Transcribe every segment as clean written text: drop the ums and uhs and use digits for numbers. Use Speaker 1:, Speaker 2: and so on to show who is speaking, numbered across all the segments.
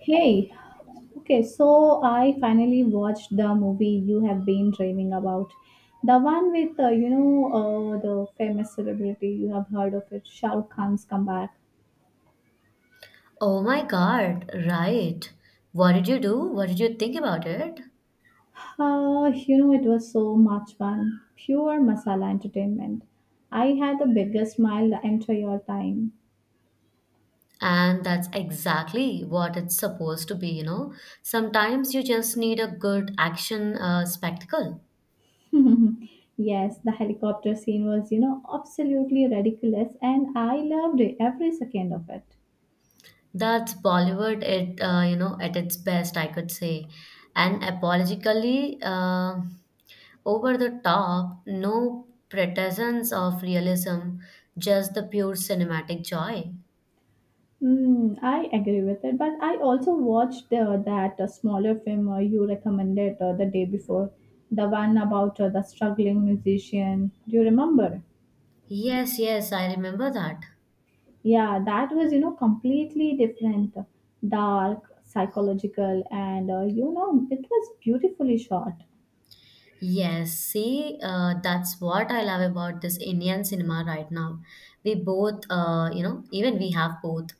Speaker 1: Hey, okay, so I finally watched the movie you have been dreaming about. The one with, the famous celebrity, you have heard of it, Shah Rukh Khan's comeback.
Speaker 2: Oh my God, right. What did you do? What did you think about it?
Speaker 1: You know, it was so much fun. Pure masala entertainment. I had the biggest smile the entire time.
Speaker 2: And that's exactly what it's supposed to be, Sometimes you just need a good action spectacle.
Speaker 1: Yes, the helicopter scene was, you know, absolutely ridiculous, and I loved it, every second of it.
Speaker 2: That's Bollywood, it at its best, I could say. And apologically, over the top, no pretensions of realism, just the pure cinematic joy.
Speaker 1: Mm, I agree with it, but I also watched that smaller film you recommended the day before, the one about the struggling musician. Do you remember?
Speaker 2: Yes, yes, I remember that.
Speaker 1: Yeah, that was you know completely different, dark, psychological, and you know it was beautifully shot.
Speaker 2: Yes, see, that's what I love about this Indian cinema right now. We both, even we have both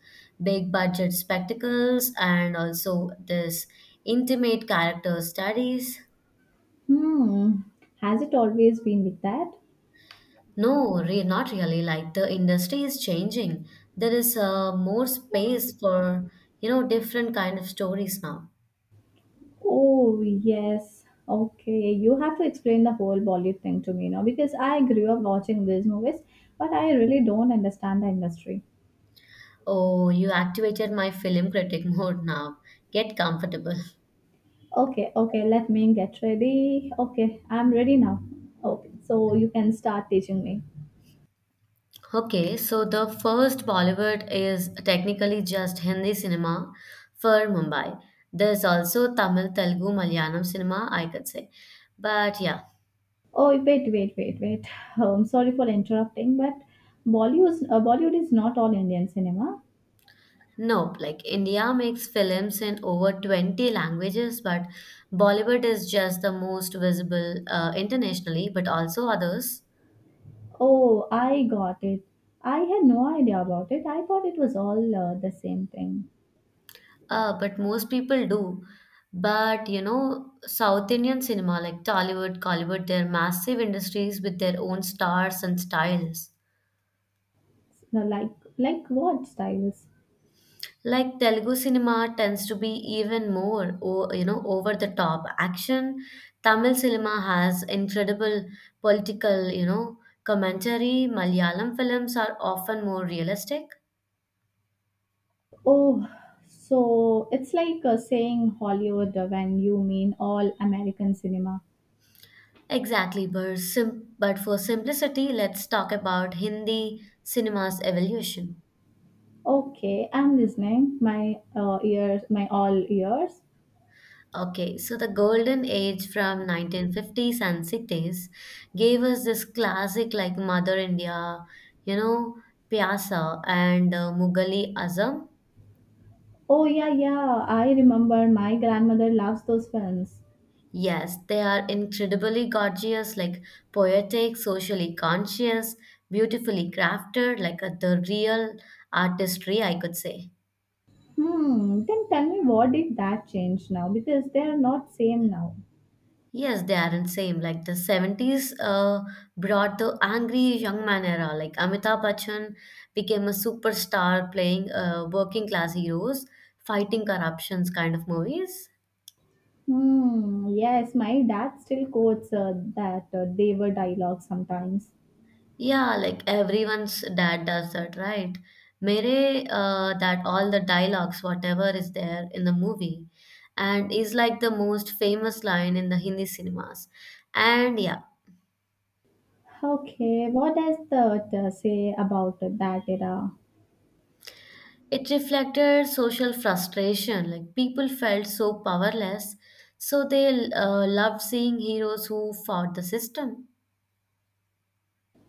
Speaker 2: big budget spectacles and also this intimate character studies.
Speaker 1: Hmm, has it always been like that?
Speaker 2: No, re not really. Like the industry is changing. There is more space for, different kind of stories now.
Speaker 1: Oh, yes. Okay. You have to explain the whole Bollywood thing to me now because I grew up watching these movies, but I really don't understand the industry.
Speaker 2: Oh, you activated my film critic mode now. Get comfortable.
Speaker 1: Okay. Okay. Let me get ready. Okay. I'm ready now. Okay. So you can start teaching me.
Speaker 2: Okay, so the first Bollywood is technically just Hindi cinema for Mumbai. There's also Tamil, Telugu, Malayalam cinema, I could say. But yeah,
Speaker 1: Oh, wait, wait, wait, wait. Sorry for interrupting, but Bollywood, Bollywood is not all Indian cinema.
Speaker 2: nope, like India makes films in over 20 languages, but Bollywood is just the most visible internationally, but also others.
Speaker 1: Oh, I got it. I had no idea about it. I thought it was all the same thing.
Speaker 2: But most people do. But you know, South Indian cinema like Tollywood, Collywood, they're massive industries with their own stars and styles.
Speaker 1: No, like what styles?
Speaker 2: Like Telugu cinema tends to be even more you know over the top action. Tamil cinema has incredible political, you know, commentary. Malayalam films are often more realistic.
Speaker 1: Oh, so it's like saying Hollywood when you mean all American cinema.
Speaker 2: Exactly, but for simplicity let's talk about Hindi cinema's evolution.
Speaker 1: Okay, I'm listening. My ears, my all ears.
Speaker 2: Okay, so the golden age from 1950s and 60s gave us this classic like Mother India, you know, Pyasa and Mughali Azam.
Speaker 1: Oh yeah, yeah. I remember my grandmother loves those films.
Speaker 2: Yes, they are incredibly gorgeous, like poetic, socially conscious, beautifully crafted, like the real artistry, I could say.
Speaker 1: Hmm. Then tell me, what did that change now? Because they are not same now.
Speaker 2: Yes, they aren't same. Like the 70s brought the angry young man era. Like Amitabh Bachchan became a superstar playing working class heroes, fighting corruptions kind of movies.
Speaker 1: Hmm. Yes, my dad still quotes that they were dialogue sometimes.
Speaker 2: Yeah, like everyone's dad does that, right? Mere, that all the dialogues, whatever is there in the movie, and is like the most famous line in the Hindi cinemas. And yeah,
Speaker 1: Okay, what does the say about that era?
Speaker 2: it reflected social frustration. Like people felt so powerless, so they loved seeing heroes who fought the system.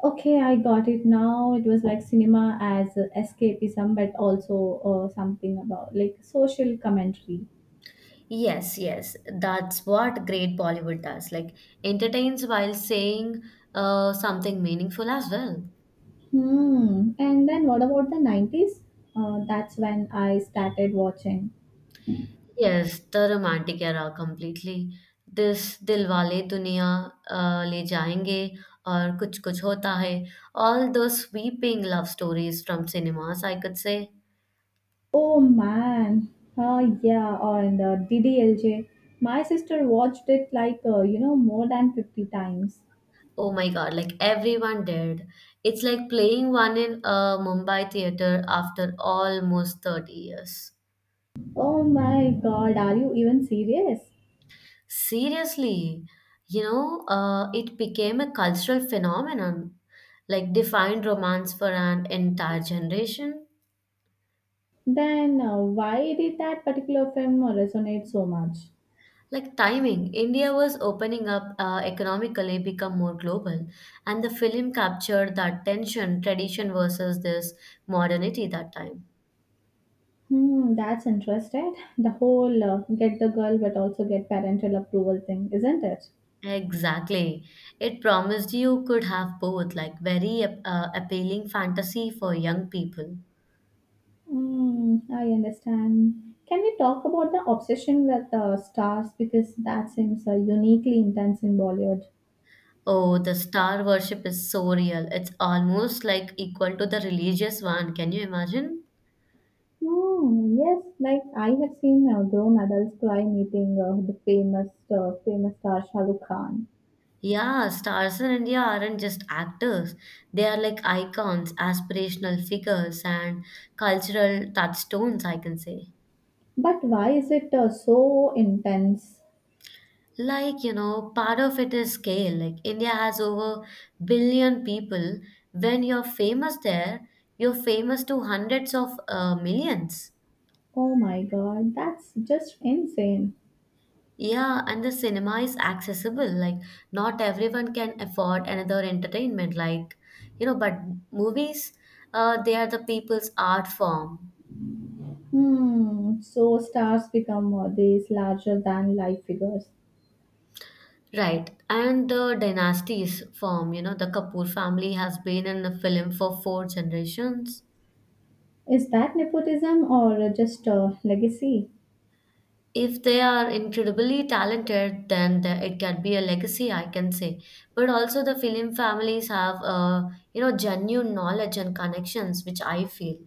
Speaker 1: Okay, I got it now. It was like cinema as escapism, but also something about like social commentary.
Speaker 2: Yes, yes, that's what great Bollywood does. Like entertains while saying something meaningful as well.
Speaker 1: Hmm. And then what about the 90s? That's when I started watching.
Speaker 2: Yes, the romantic era completely. This Dilwale Duniya, Le Jayenge, or Kuch Kuch Hota Hai, all those sweeping love stories from cinemas, I could say.
Speaker 1: Oh man. Oh yeah, on the DDLJ. My sister watched it like, you know, more than 50 times.
Speaker 2: Oh my God, like everyone did. It's like playing one in a Mumbai theater after almost 30 years.
Speaker 1: Oh my god, are you even serious?
Speaker 2: Seriously, it became a cultural phenomenon, like defined romance for an entire generation.
Speaker 1: Then why did that particular film resonate so much?
Speaker 2: Like timing, India was opening up economically, become more global, and the film captured that tension, tradition versus this modernity that time.
Speaker 1: Hmm, that's interesting. The whole get the girl but also get parental approval thing, isn't it?
Speaker 2: Exactly. It promised you could have both, like very appealing fantasy for young people.
Speaker 1: Hmm, I understand. Can we talk about the obsession with stars because that seems uniquely intense in Bollywood?
Speaker 2: Oh, the star worship is so real. It's almost like equal to the religious one. Can you imagine?
Speaker 1: Hmm, yes, like I have seen grown adults cry meeting the famous famous star Shah Rukh Khan.
Speaker 2: Yeah, stars in India aren't just actors. They are like icons, aspirational figures, and cultural touchstones, I can say.
Speaker 1: But why is it so intense?
Speaker 2: Like you know part of it is scale. Like India has over 1 billion people. When you're famous there, you're famous to hundreds of millions.
Speaker 1: Oh my god, that's just insane.
Speaker 2: Yeah, and the cinema is accessible. Like not everyone can afford another entertainment, like but movies, they are the people's art form.
Speaker 1: Hmm, so stars become these larger than life figures.
Speaker 2: Right, and the dynasties form, the Kapoor family has been in the film for 4 generations.
Speaker 1: Is that nepotism or just legacy?
Speaker 2: If they are incredibly talented then it can be a legacy, I can say. But also the film families have you know genuine knowledge and connections, which I feel.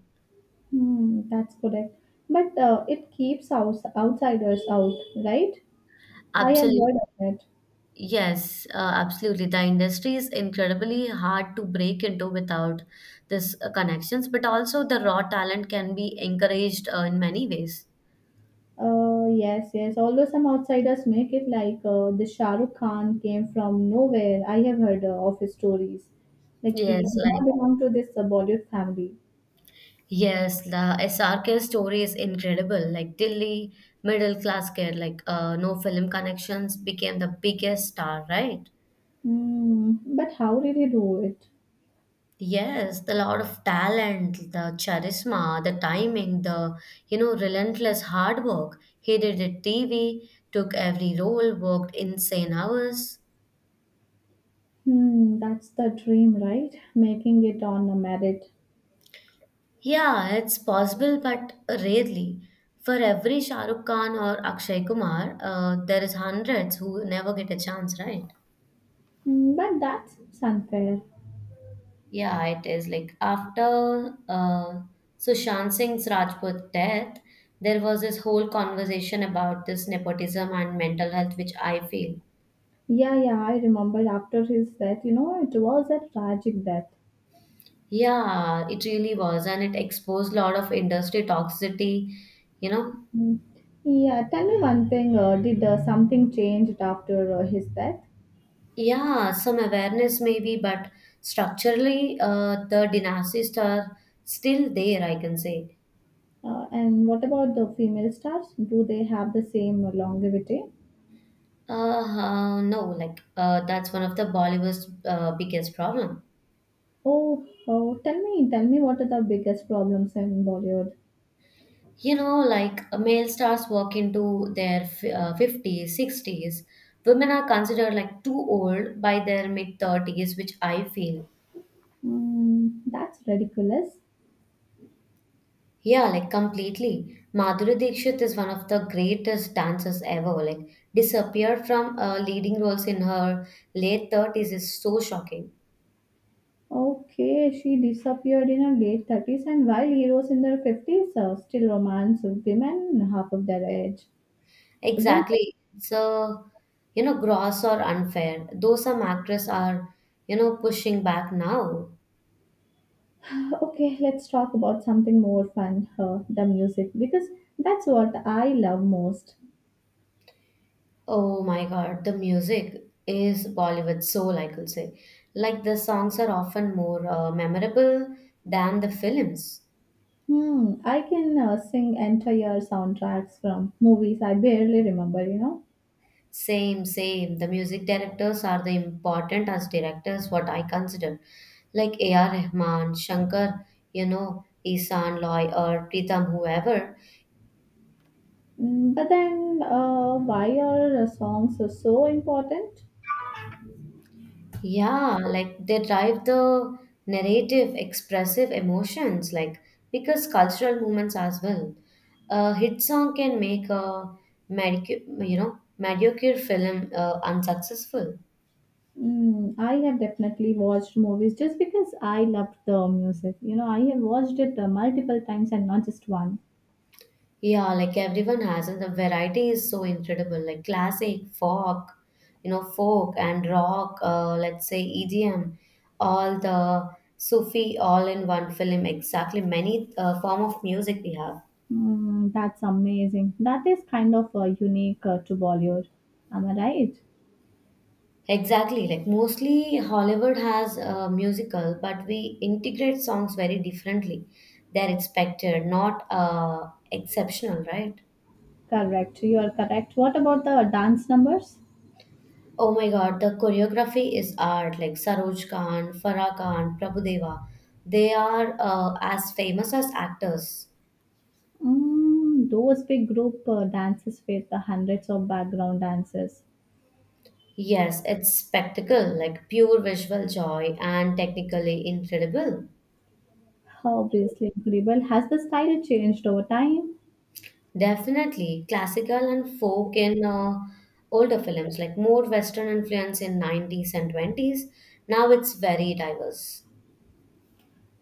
Speaker 1: Hmm, that's correct. But it keeps outsiders out, right? I have
Speaker 2: Absolutely.
Speaker 1: heard of it.
Speaker 2: Yes, absolutely the industry is incredibly hard to break into without this connections, but also the raw talent can be encouraged in many ways.
Speaker 1: Yes, yes. Although some outsiders make it like the Shah Rukh Khan came from nowhere. I have heard of his stories. Like he
Speaker 2: yes
Speaker 1: did not
Speaker 2: like
Speaker 1: belong to this Bollywood family.
Speaker 2: Yes, the SRK story is incredible. Like Delhi middle class kid, like no film connections, became the biggest star, right?
Speaker 1: Mm, but how did he do it?
Speaker 2: Yes, the lot of talent, the charisma, the timing, the relentless hard work. He did the TV, took every role, worked insane hours.
Speaker 1: Hmm, that's the dream, right? Making it on a merit.
Speaker 2: Yeah, it's possible, but rarely. For every Shahrukh Khan or Akshay Kumar, there is hundreds who never get a chance, right?
Speaker 1: Hmm, but that's unfair.
Speaker 2: Yeah, it is. Like after Sushant Singh's Rajput death, there was this whole conversation about this nepotism and mental health, which I feel.
Speaker 1: Yeah, yeah, I remember after his death, you know, it was a tragic death.
Speaker 2: Yeah, it really was, and it exposed a lot of industry toxicity, you know.
Speaker 1: Hmm. Yeah, tell me one thing did something changed after his death?
Speaker 2: Yeah, some awareness maybe, but structurally, the dynasties are still there, I can say.
Speaker 1: And what about the female stars? Do they have the same longevity?
Speaker 2: No, like that's one of the Bollywood's biggest problem.
Speaker 1: Oh, oh, tell me what are the biggest problems in Bollywood?
Speaker 2: You know, like male stars walk into their 50s, 60s. Women are considered like too old by their mid 30s, which I feel.
Speaker 1: Mm, that's ridiculous.
Speaker 2: Yeah, like completely. Madhuri Dixit is one of the greatest dancers ever. Like, disappeared from leading roles in her late 30s is so shocking.
Speaker 1: Okay, she disappeared in her late 30s, and while heroes in their 50s still romance women half of their age, isn't it?
Speaker 2: Exactly. It's, gross or unfair, though some actors are, pushing back now.
Speaker 1: Okay, let's talk about something more fun the music, because that's what I love most.
Speaker 2: Oh my god, the music is Bollywood soul, I could say. Like the songs are often more memorable than the films.
Speaker 1: Hmm, I can sing entire soundtracks from movies I barely remember, you know.
Speaker 2: Same, same. The music directors are the important as directors, what I consider. Like A.R. Rahman, Shankar, Isan Loy or Pritam, whoever.
Speaker 1: Mm, but then, why are songs so important?
Speaker 2: Yeah, like they drive the narrative, expressive emotions, like because cultural movements as well. A hit song can make a mediocre film unsuccessful.
Speaker 1: Mm, I have definitely watched movies just because I loved the music. You know, I have watched it multiple times and not just one.
Speaker 2: Yeah, like everyone has, and the variety is so incredible. Like classic, folk, folk and rock. Let's say EDM, all the Sufi, all in one film. Exactly, many form of music we have.
Speaker 1: Mm, that's amazing. That is kind of unique to Bollywood. Am I right?
Speaker 2: Exactly, like mostly Hollywood has a musical, but we integrate songs very differently. They're expected, not exceptional, right?
Speaker 1: Correct. You are correct. What about the dance numbers?
Speaker 2: Oh my God, the choreography is art. Like Saroj Khan, Farah Khan, Prabhudeva, they are as famous as actors.
Speaker 1: Mm, those big group dances with the hundreds of background dancers.
Speaker 2: Yes, it's spectacle, like pure visual joy and technically incredible.
Speaker 1: Obviously, incredible. Has the style changed over time?
Speaker 2: Definitely, classical and folk in older films, like more Western influence in 90s and 20s. Now it's very diverse.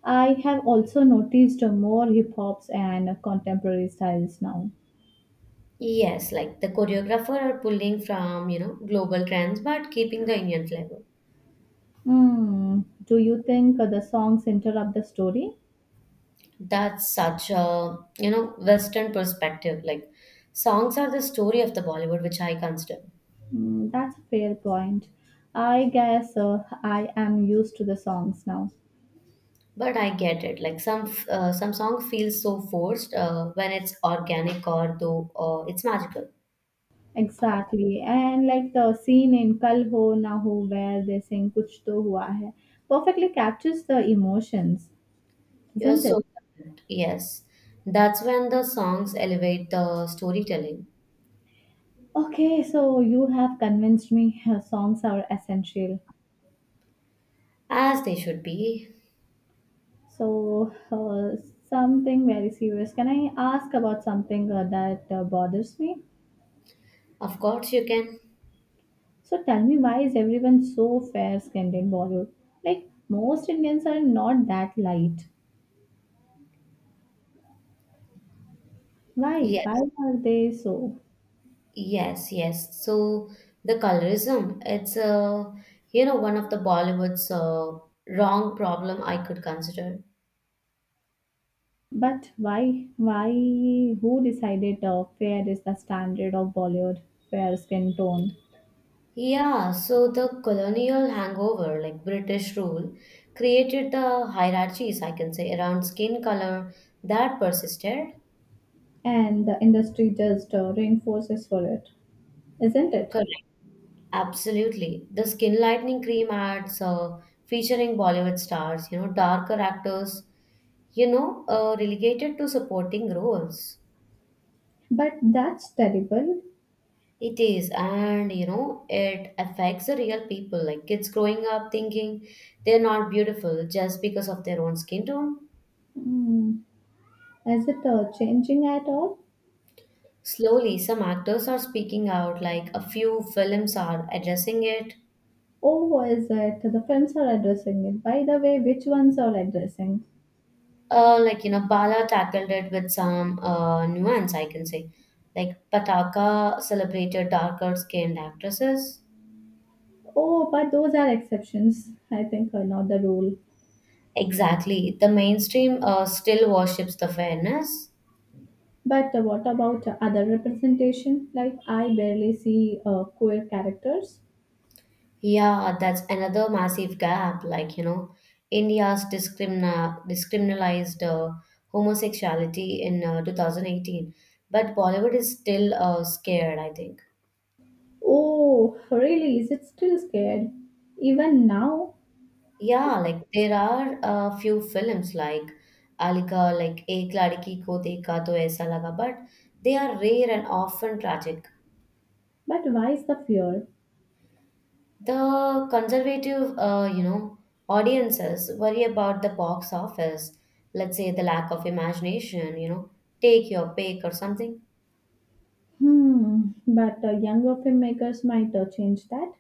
Speaker 1: I have also noticed more hip hops and contemporary styles now.
Speaker 2: Yes, like the choreographer are pulling from, global trends but keeping the Indian flavor.
Speaker 1: Hmm. Do you think the songs interrupt the story?
Speaker 2: That's such a Western perspective. Like songs are the story of the Bollywood, which I consider.
Speaker 1: Hmm, that's a fair point. I guess I am used to the songs now.
Speaker 2: But I get it. Like some song feels so forced when it's organic or though it's magical.
Speaker 1: Exactly. And like the scene in Kal Ho Na Ho where they sing Kuch To Hua Hai perfectly captures the emotions,
Speaker 2: You're
Speaker 1: isn't it?
Speaker 2: so correct. Yes. That's when the songs elevate the storytelling,
Speaker 1: Okay, so you have convinced me songs are essential.
Speaker 2: as they should be.
Speaker 1: So, something very serious. Can I ask about something that bothers me?
Speaker 2: Of course, you can.
Speaker 1: So, tell me why is everyone so fair skinned in Bollywood? Like, most Indians are not that light. Why?
Speaker 2: Yes.
Speaker 1: Why are they so?
Speaker 2: Yes, yes. So the colorism, it's one of the Bollywood's wrong problem I could consider.
Speaker 1: But why? Why? Who decided fair is the standard of Bollywood fair skin tone?
Speaker 2: Yeah, so the colonial hangover, like British rule, created the hierarchies, I can say, around skin color that persisted.
Speaker 1: And the industry just reinforces for it, isn't it?
Speaker 2: Absolutely. The skin lightening cream ads featuring Bollywood stars, darker actors, relegated to supporting roles.
Speaker 1: But that's terrible.
Speaker 2: It is, and it affects the real people, like kids growing up thinking they're not beautiful just because of their own skin tone.
Speaker 1: Hmm. Is it changing at all?
Speaker 2: Slowly, some actors are speaking out, like a few films are addressing it.
Speaker 1: Oh, is it? The films are addressing it. By the way, which ones are addressing?
Speaker 2: Like you know, Bala tackled it with some nuance, I can say. Like Pataka celebrated darker skinned actresses.
Speaker 1: Oh, but those are exceptions, I think, are not the rule.
Speaker 2: Exactly, the mainstream still worships the fairness.
Speaker 1: But what about other representation? Like, I barely see queer characters.
Speaker 2: Yeah, that's another massive gap. Like you know, India's discrimina discriminalized homosexuality in 2018, but Bollywood is still scared. I think.
Speaker 1: Oh, really? Is it still scared? Even now?
Speaker 2: Yeah, like there are a few films like Alika, like Ek Ladki Ko Dekha To Aisa Laga, but they are rare and often tragic.
Speaker 1: But why is the fear?
Speaker 2: The conservative, audiences worry about the box office, let's say the lack of imagination, take your pick or something.
Speaker 1: Hmm, but younger filmmakers might change that.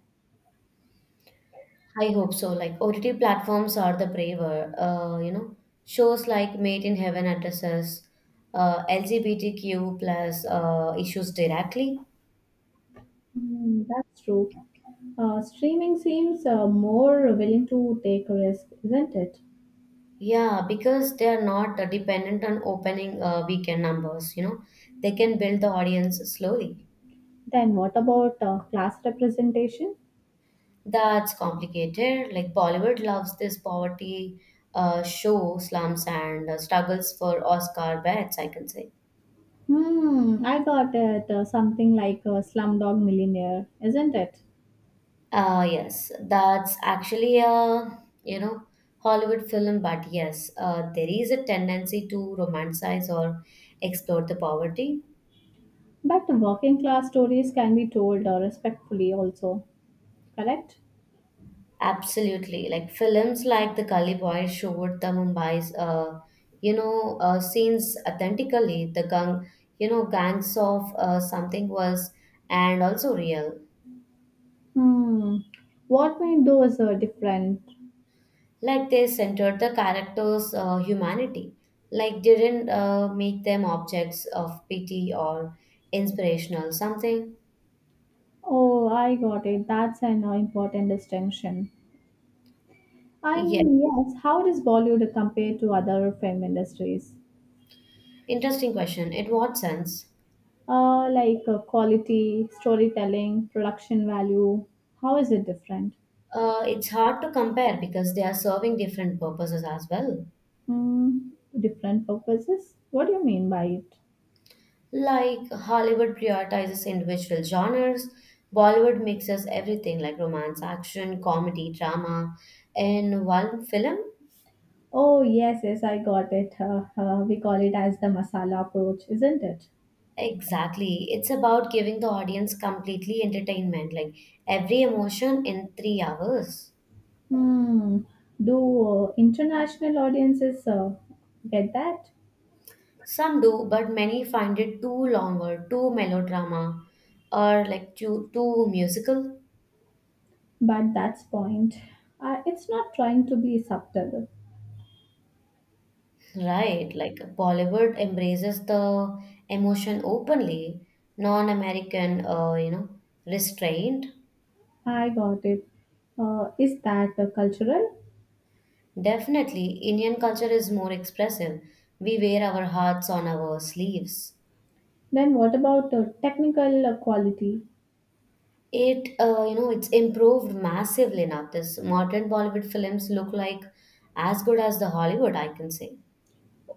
Speaker 2: I hope so. Like OTT platforms are the braver, shows like Made in Heaven addresses LGBTQ plus issues directly.
Speaker 1: Hmm, that's true. Streaming seems more willing to take a risk, isn't it?
Speaker 2: Yeah, because they are not dependent on opening weekend numbers, They can build the audience slowly.
Speaker 1: Then what about class representation?
Speaker 2: That's complicated. Like Bollywood loves this poverty show slumps and struggles for Oscar bets, I can say.
Speaker 1: Hmm, I got it. Something like a slumdog millionaire, isn't it?
Speaker 2: Yes, that's actually a, you know, Hollywood film, but yes, there is a tendency to romanticize or explore the poverty.
Speaker 1: But working class stories can be told respectfully also, correct?
Speaker 2: Absolutely. Like films like The Gully Boy showed the Mumbai's, scenes authentically. The gang, gangs of something was, and also real.
Speaker 1: Hmm, what made those different?
Speaker 2: Like they centered the characters' humanity. Like didn't make them objects of pity or inspirational something.
Speaker 1: Oh, I got it. That's an important distinction.
Speaker 2: Yeah.
Speaker 1: And yes, how does Bollywood compare to other film industries?
Speaker 2: Interesting question. In what sense?
Speaker 1: Like quality, storytelling, production value. How is it different?
Speaker 2: It's hard to compare because they are serving different purposes as well.
Speaker 1: Hmm, different purposes? What do you mean by it?
Speaker 2: Like Hollywood prioritizes individual genres, Bollywood mixes everything like romance, action, comedy, drama in one film.
Speaker 1: Oh, yes, yes, I got it. We call it as the masala approach, isn't it?
Speaker 2: Exactly. It's about giving the audience completely entertainment, like every emotion in 3 hours.
Speaker 1: Hmm. Do international audiences get that?
Speaker 2: Some do, but many find it too long or too melodrama or like too musical.
Speaker 1: But that's point. It's not trying to be subtle.
Speaker 2: Right, like Bollywood embraces the emotion openly, non-American, restraint.
Speaker 1: I got it. Is that cultural?
Speaker 2: Definitely, Indian culture is more expressive. We wear our hearts on our sleeves.
Speaker 1: Then what about technical quality?
Speaker 2: It's improved massively now. This modern Bollywood films look like as good as the Hollywood, I can say.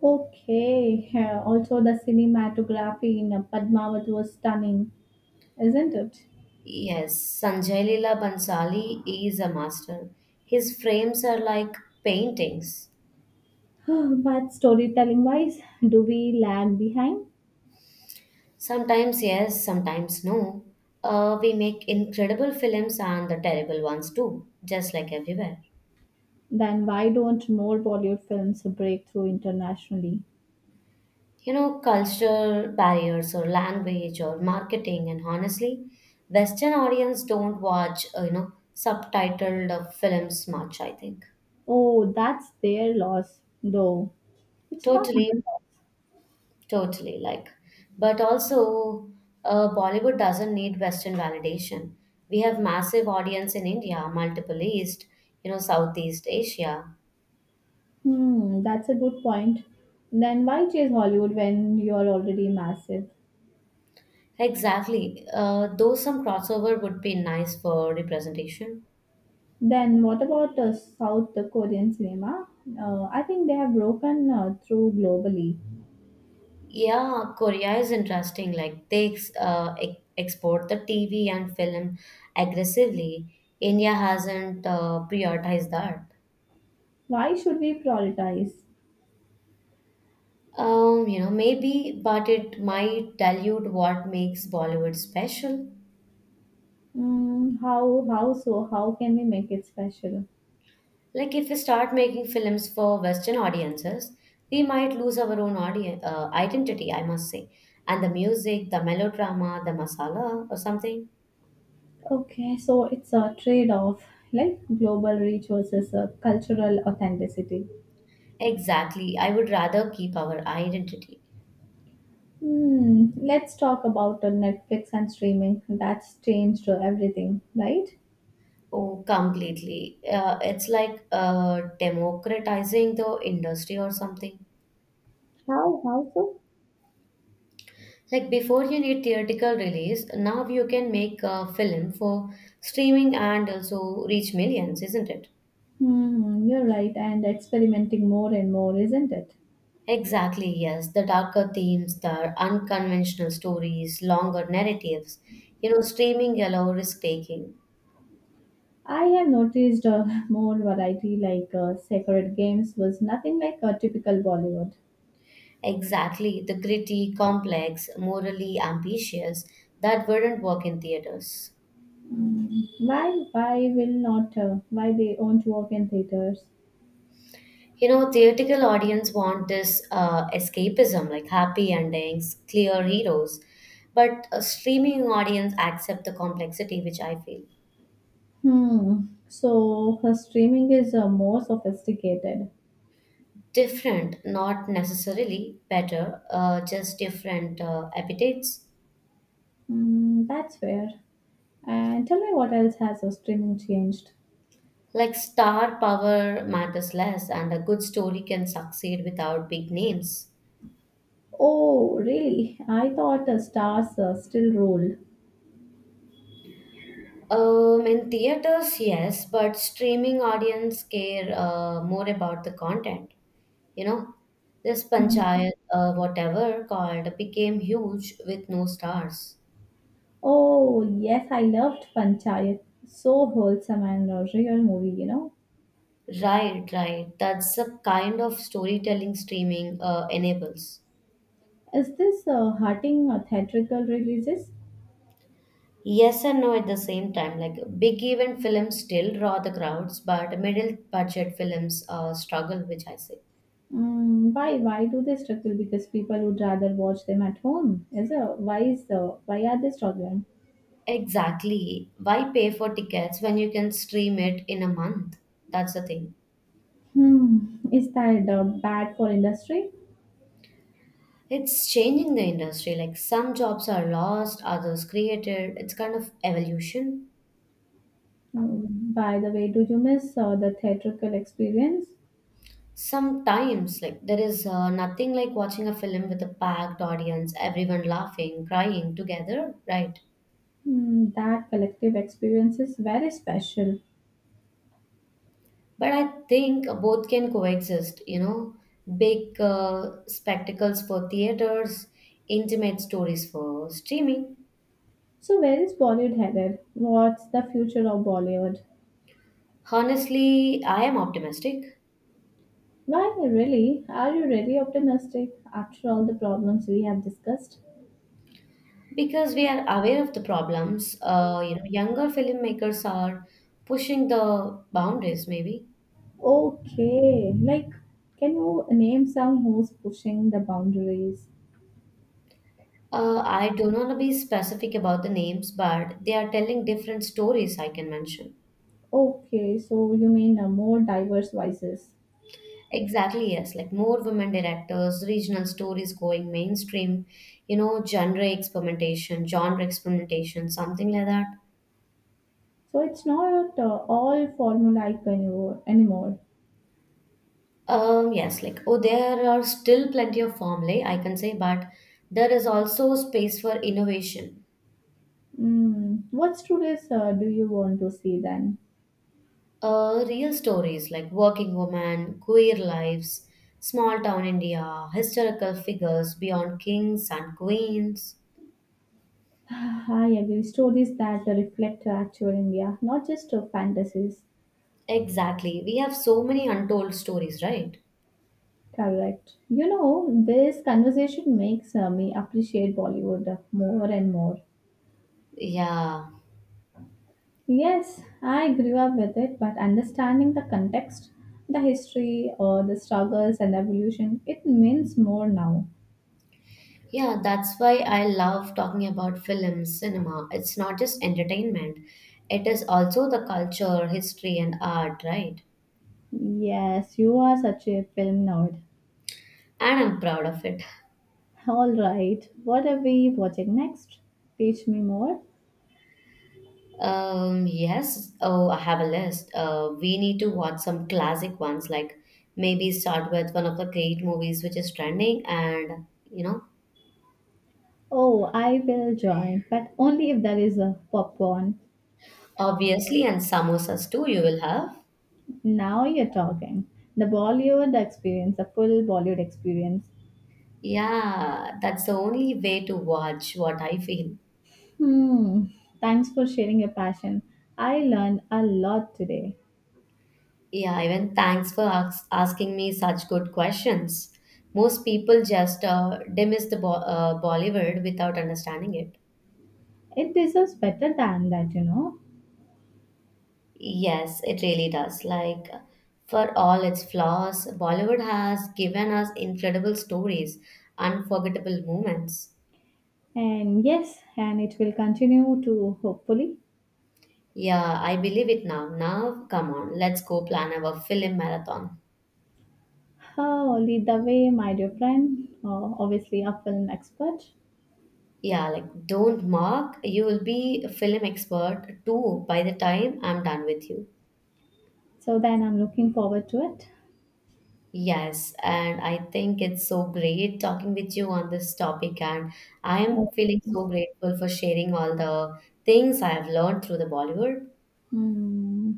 Speaker 1: Okay, yeah, also the cinematography in Padmavat was stunning, isn't it?
Speaker 2: Yes, Sanjay Leela Bansali is a master. His frames are like paintings.
Speaker 1: But storytelling wise, do we lag behind?
Speaker 2: Sometimes yes, sometimes no. We make incredible films and the terrible ones too, just like everywhere.
Speaker 1: Then why don't more Bollywood films break through internationally?
Speaker 2: You know, culture barriers or language or marketing, and honestly, Western audience don't watch, subtitled films much, I think.
Speaker 1: Oh, that's their loss, though. It's not our
Speaker 2: Totally,
Speaker 1: loss.
Speaker 2: totally. Like, but also, Bollywood doesn't need Western validation. We have massive audience in India, multiple East, you know, Southeast Asia.
Speaker 1: Hmm, that's a good point. Then why chase Hollywood when you're already massive?
Speaker 2: Exactly. Though some crossover would be nice for representation.
Speaker 1: Then what about South Korean cinema? I think they have broken through globally.
Speaker 2: Yeah, Korea is interesting. Like export the TV and film aggressively. India hasn't prioritized that.
Speaker 1: Why should we prioritize?
Speaker 2: You know, maybe, but it might dilute what makes Bollywood special.
Speaker 1: Mm, how so? How can we make it special?
Speaker 2: Like if we start making films for Western audiences, we might lose our own audience identity, I must say, and the music, the melodrama, the masala, or something.
Speaker 1: Okay, so it's a trade-off, like global reach versus cultural authenticity.
Speaker 2: Exactly, I would rather keep our identity.
Speaker 1: Hmm, let's talk about Netflix and streaming. That's changed everything, right?
Speaker 2: Oh, completely. It's like democratizing the industry or something.
Speaker 1: How? How so?
Speaker 2: Like before you need theatrical release, now you can make a film for streaming and also reach millions, isn't it?
Speaker 1: Hmm, you're right, and experimenting more and more, isn't it?
Speaker 2: Exactly, yes. The darker themes, the unconventional stories, longer narratives. You know, streaming allow risk taking.
Speaker 1: I have noticed more variety, like Sacred Games was nothing like a typical Bollywood.
Speaker 2: Exactly, the gritty, complex, morally ambitious that wouldn't work in theaters.
Speaker 1: Mm, why will not? Why they won't work in theaters?
Speaker 2: You know, theatrical audience want this escapism, like happy endings, clear heroes, but a streaming audience accept the complexity, which I feel
Speaker 1: Hmm. So her streaming is more sophisticated.
Speaker 2: different, not necessarily better, just different appetites.
Speaker 1: Mm, that's fair. And tell me what else has her streaming changed?
Speaker 2: Like star power matters less, and a good story can succeed without big names.
Speaker 1: Oh, really? I thought stars still ruled.
Speaker 2: In theaters, yes, but streaming audience care more about the content. You know, this
Speaker 1: Hmm.
Speaker 2: panchayat, whatever called, became huge with no stars.
Speaker 1: Oh, yes, I loved Panchayat. So wholesome and a real movie, you know.
Speaker 2: Right, right. That's the kind of storytelling streaming enables.
Speaker 1: Is this hurting theatrical releases?
Speaker 2: Yes and no at the same time. Like big event films still draw the crowds, but middle budget films struggle, which I say.
Speaker 1: Mm, why? Why do they struggle? Because people would rather watch them at home. Is why is Why are they struggling?
Speaker 2: Exactly. Why pay for tickets when you can stream it in a month? That's the thing.
Speaker 1: Hmm. Is that bad for industry?
Speaker 2: It's changing the industry. Like some jobs are lost, others created. It's kind of evolution.
Speaker 1: Mm, by the way, do you miss the theatrical experience?
Speaker 2: Sometimes, like there is nothing like watching a film with a packed audience, everyone laughing, crying together, right?
Speaker 1: Mm, that collective experience is very special.
Speaker 2: But I think both can coexist, you know, big spectacles for theaters, intimate stories for streaming.
Speaker 1: So where is Bollywood headed? What's the future of Bollywood?
Speaker 2: Honestly, I am optimistic
Speaker 1: Why really? Are you really optimistic after all the problems we have discussed?
Speaker 2: because we are aware of the problems. Younger filmmakers are pushing the boundaries, maybe.
Speaker 1: Okay, like can you name some who's pushing the boundaries?
Speaker 2: I don't want to be specific about the names, but they are telling different stories I can mention.
Speaker 1: Okay, so you mean more diverse voices.
Speaker 2: Exactly, yes. Like more women directors, regional stories going mainstream, genre experimentation, something like that.
Speaker 1: So it's not all formulaic anymore.
Speaker 2: Yes, like oh, there are still plenty of formulae, I can say, but there is also space for innovation.
Speaker 1: Mm, what stories do you want to see then?
Speaker 2: Real stories like working women, queer lives, small town India, historical figures beyond kings and queens.
Speaker 1: I agree. Stories that reflect actual India, not just fantasies.
Speaker 2: Exactly. We have so many untold stories, right?
Speaker 1: Correct. You know, this conversation makes me appreciate Bollywood more and more.
Speaker 2: Yeah.
Speaker 1: Yes, I grew up with it, but understanding the context, the history, or the struggles and the evolution, it means more now.
Speaker 2: Yeah, that's why I love talking about films, cinema. It's not just entertainment, it is also the culture, history, and art, right?
Speaker 1: Yes, you are such a film nerd.
Speaker 2: And I'm proud of it.
Speaker 1: All right, what are we watching next? Teach me more.
Speaker 2: Yes. Oh, I have a list. We need to watch some classic ones, like maybe start with one of the great movies which is trending, and you know,
Speaker 1: Oh, I will join, but only if there is a popcorn.
Speaker 2: obviously, and samosas too, you will have.
Speaker 1: Now you're talking. The Bollywood experience, the full Bollywood experience.
Speaker 2: Yeah, that's the only way to watch what I feel.
Speaker 1: Hmm, thanks for sharing your passion. I learned a lot today.
Speaker 2: Yeah, even thanks for asking me such good questions. Most people just dismiss the Bollywood without understanding it.
Speaker 1: It deserves better than that, you know.
Speaker 2: Yes, it really does. Like, for all its flaws, Bollywood has given us incredible stories, unforgettable moments.
Speaker 1: And yes, and it will continue to hopefully
Speaker 2: Yeah, I believe it now. Now, come on, let's go plan our film marathon.
Speaker 1: oh, lead the way, my dear friend. Oh, obviously, a film expert.
Speaker 2: Yeah, like, don't mock. You will be a film expert too by the time I'm done with you.
Speaker 1: So then I'm looking forward to it.
Speaker 2: Yes, and I think it's so great talking with you on this topic, and I am
Speaker 1: Oh,
Speaker 2: feeling so grateful for sharing all the things I have learned through the Bollywood.
Speaker 1: hmm.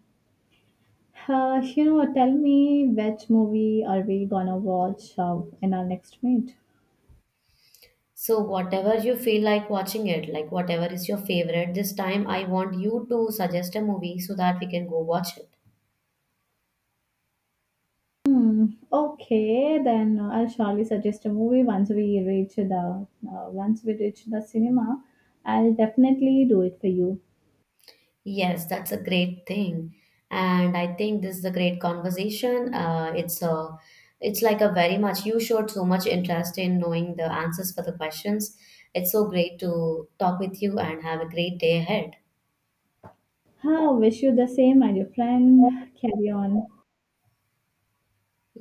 Speaker 1: You know, tell me which movie are we gonna watch in our next meet?
Speaker 2: So, whatever you feel like watching it, like whatever is your favorite, this time I want you to suggest a movie so that we can go watch it.
Speaker 1: Hmm. Okay, then I'll surely suggest a movie once we reach the once we reach the cinema. I'll definitely do it for you.
Speaker 2: Yes, that's a great thing. And I think this is a great conversation. It's like a very much, you showed so much interest in knowing the answers for the questions. It's so great to talk with you and have a great day ahead.
Speaker 1: Ha, wish you the same, my dear friend. Carry on.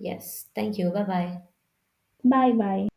Speaker 2: Yes, thank you. Bye bye.
Speaker 1: Bye bye.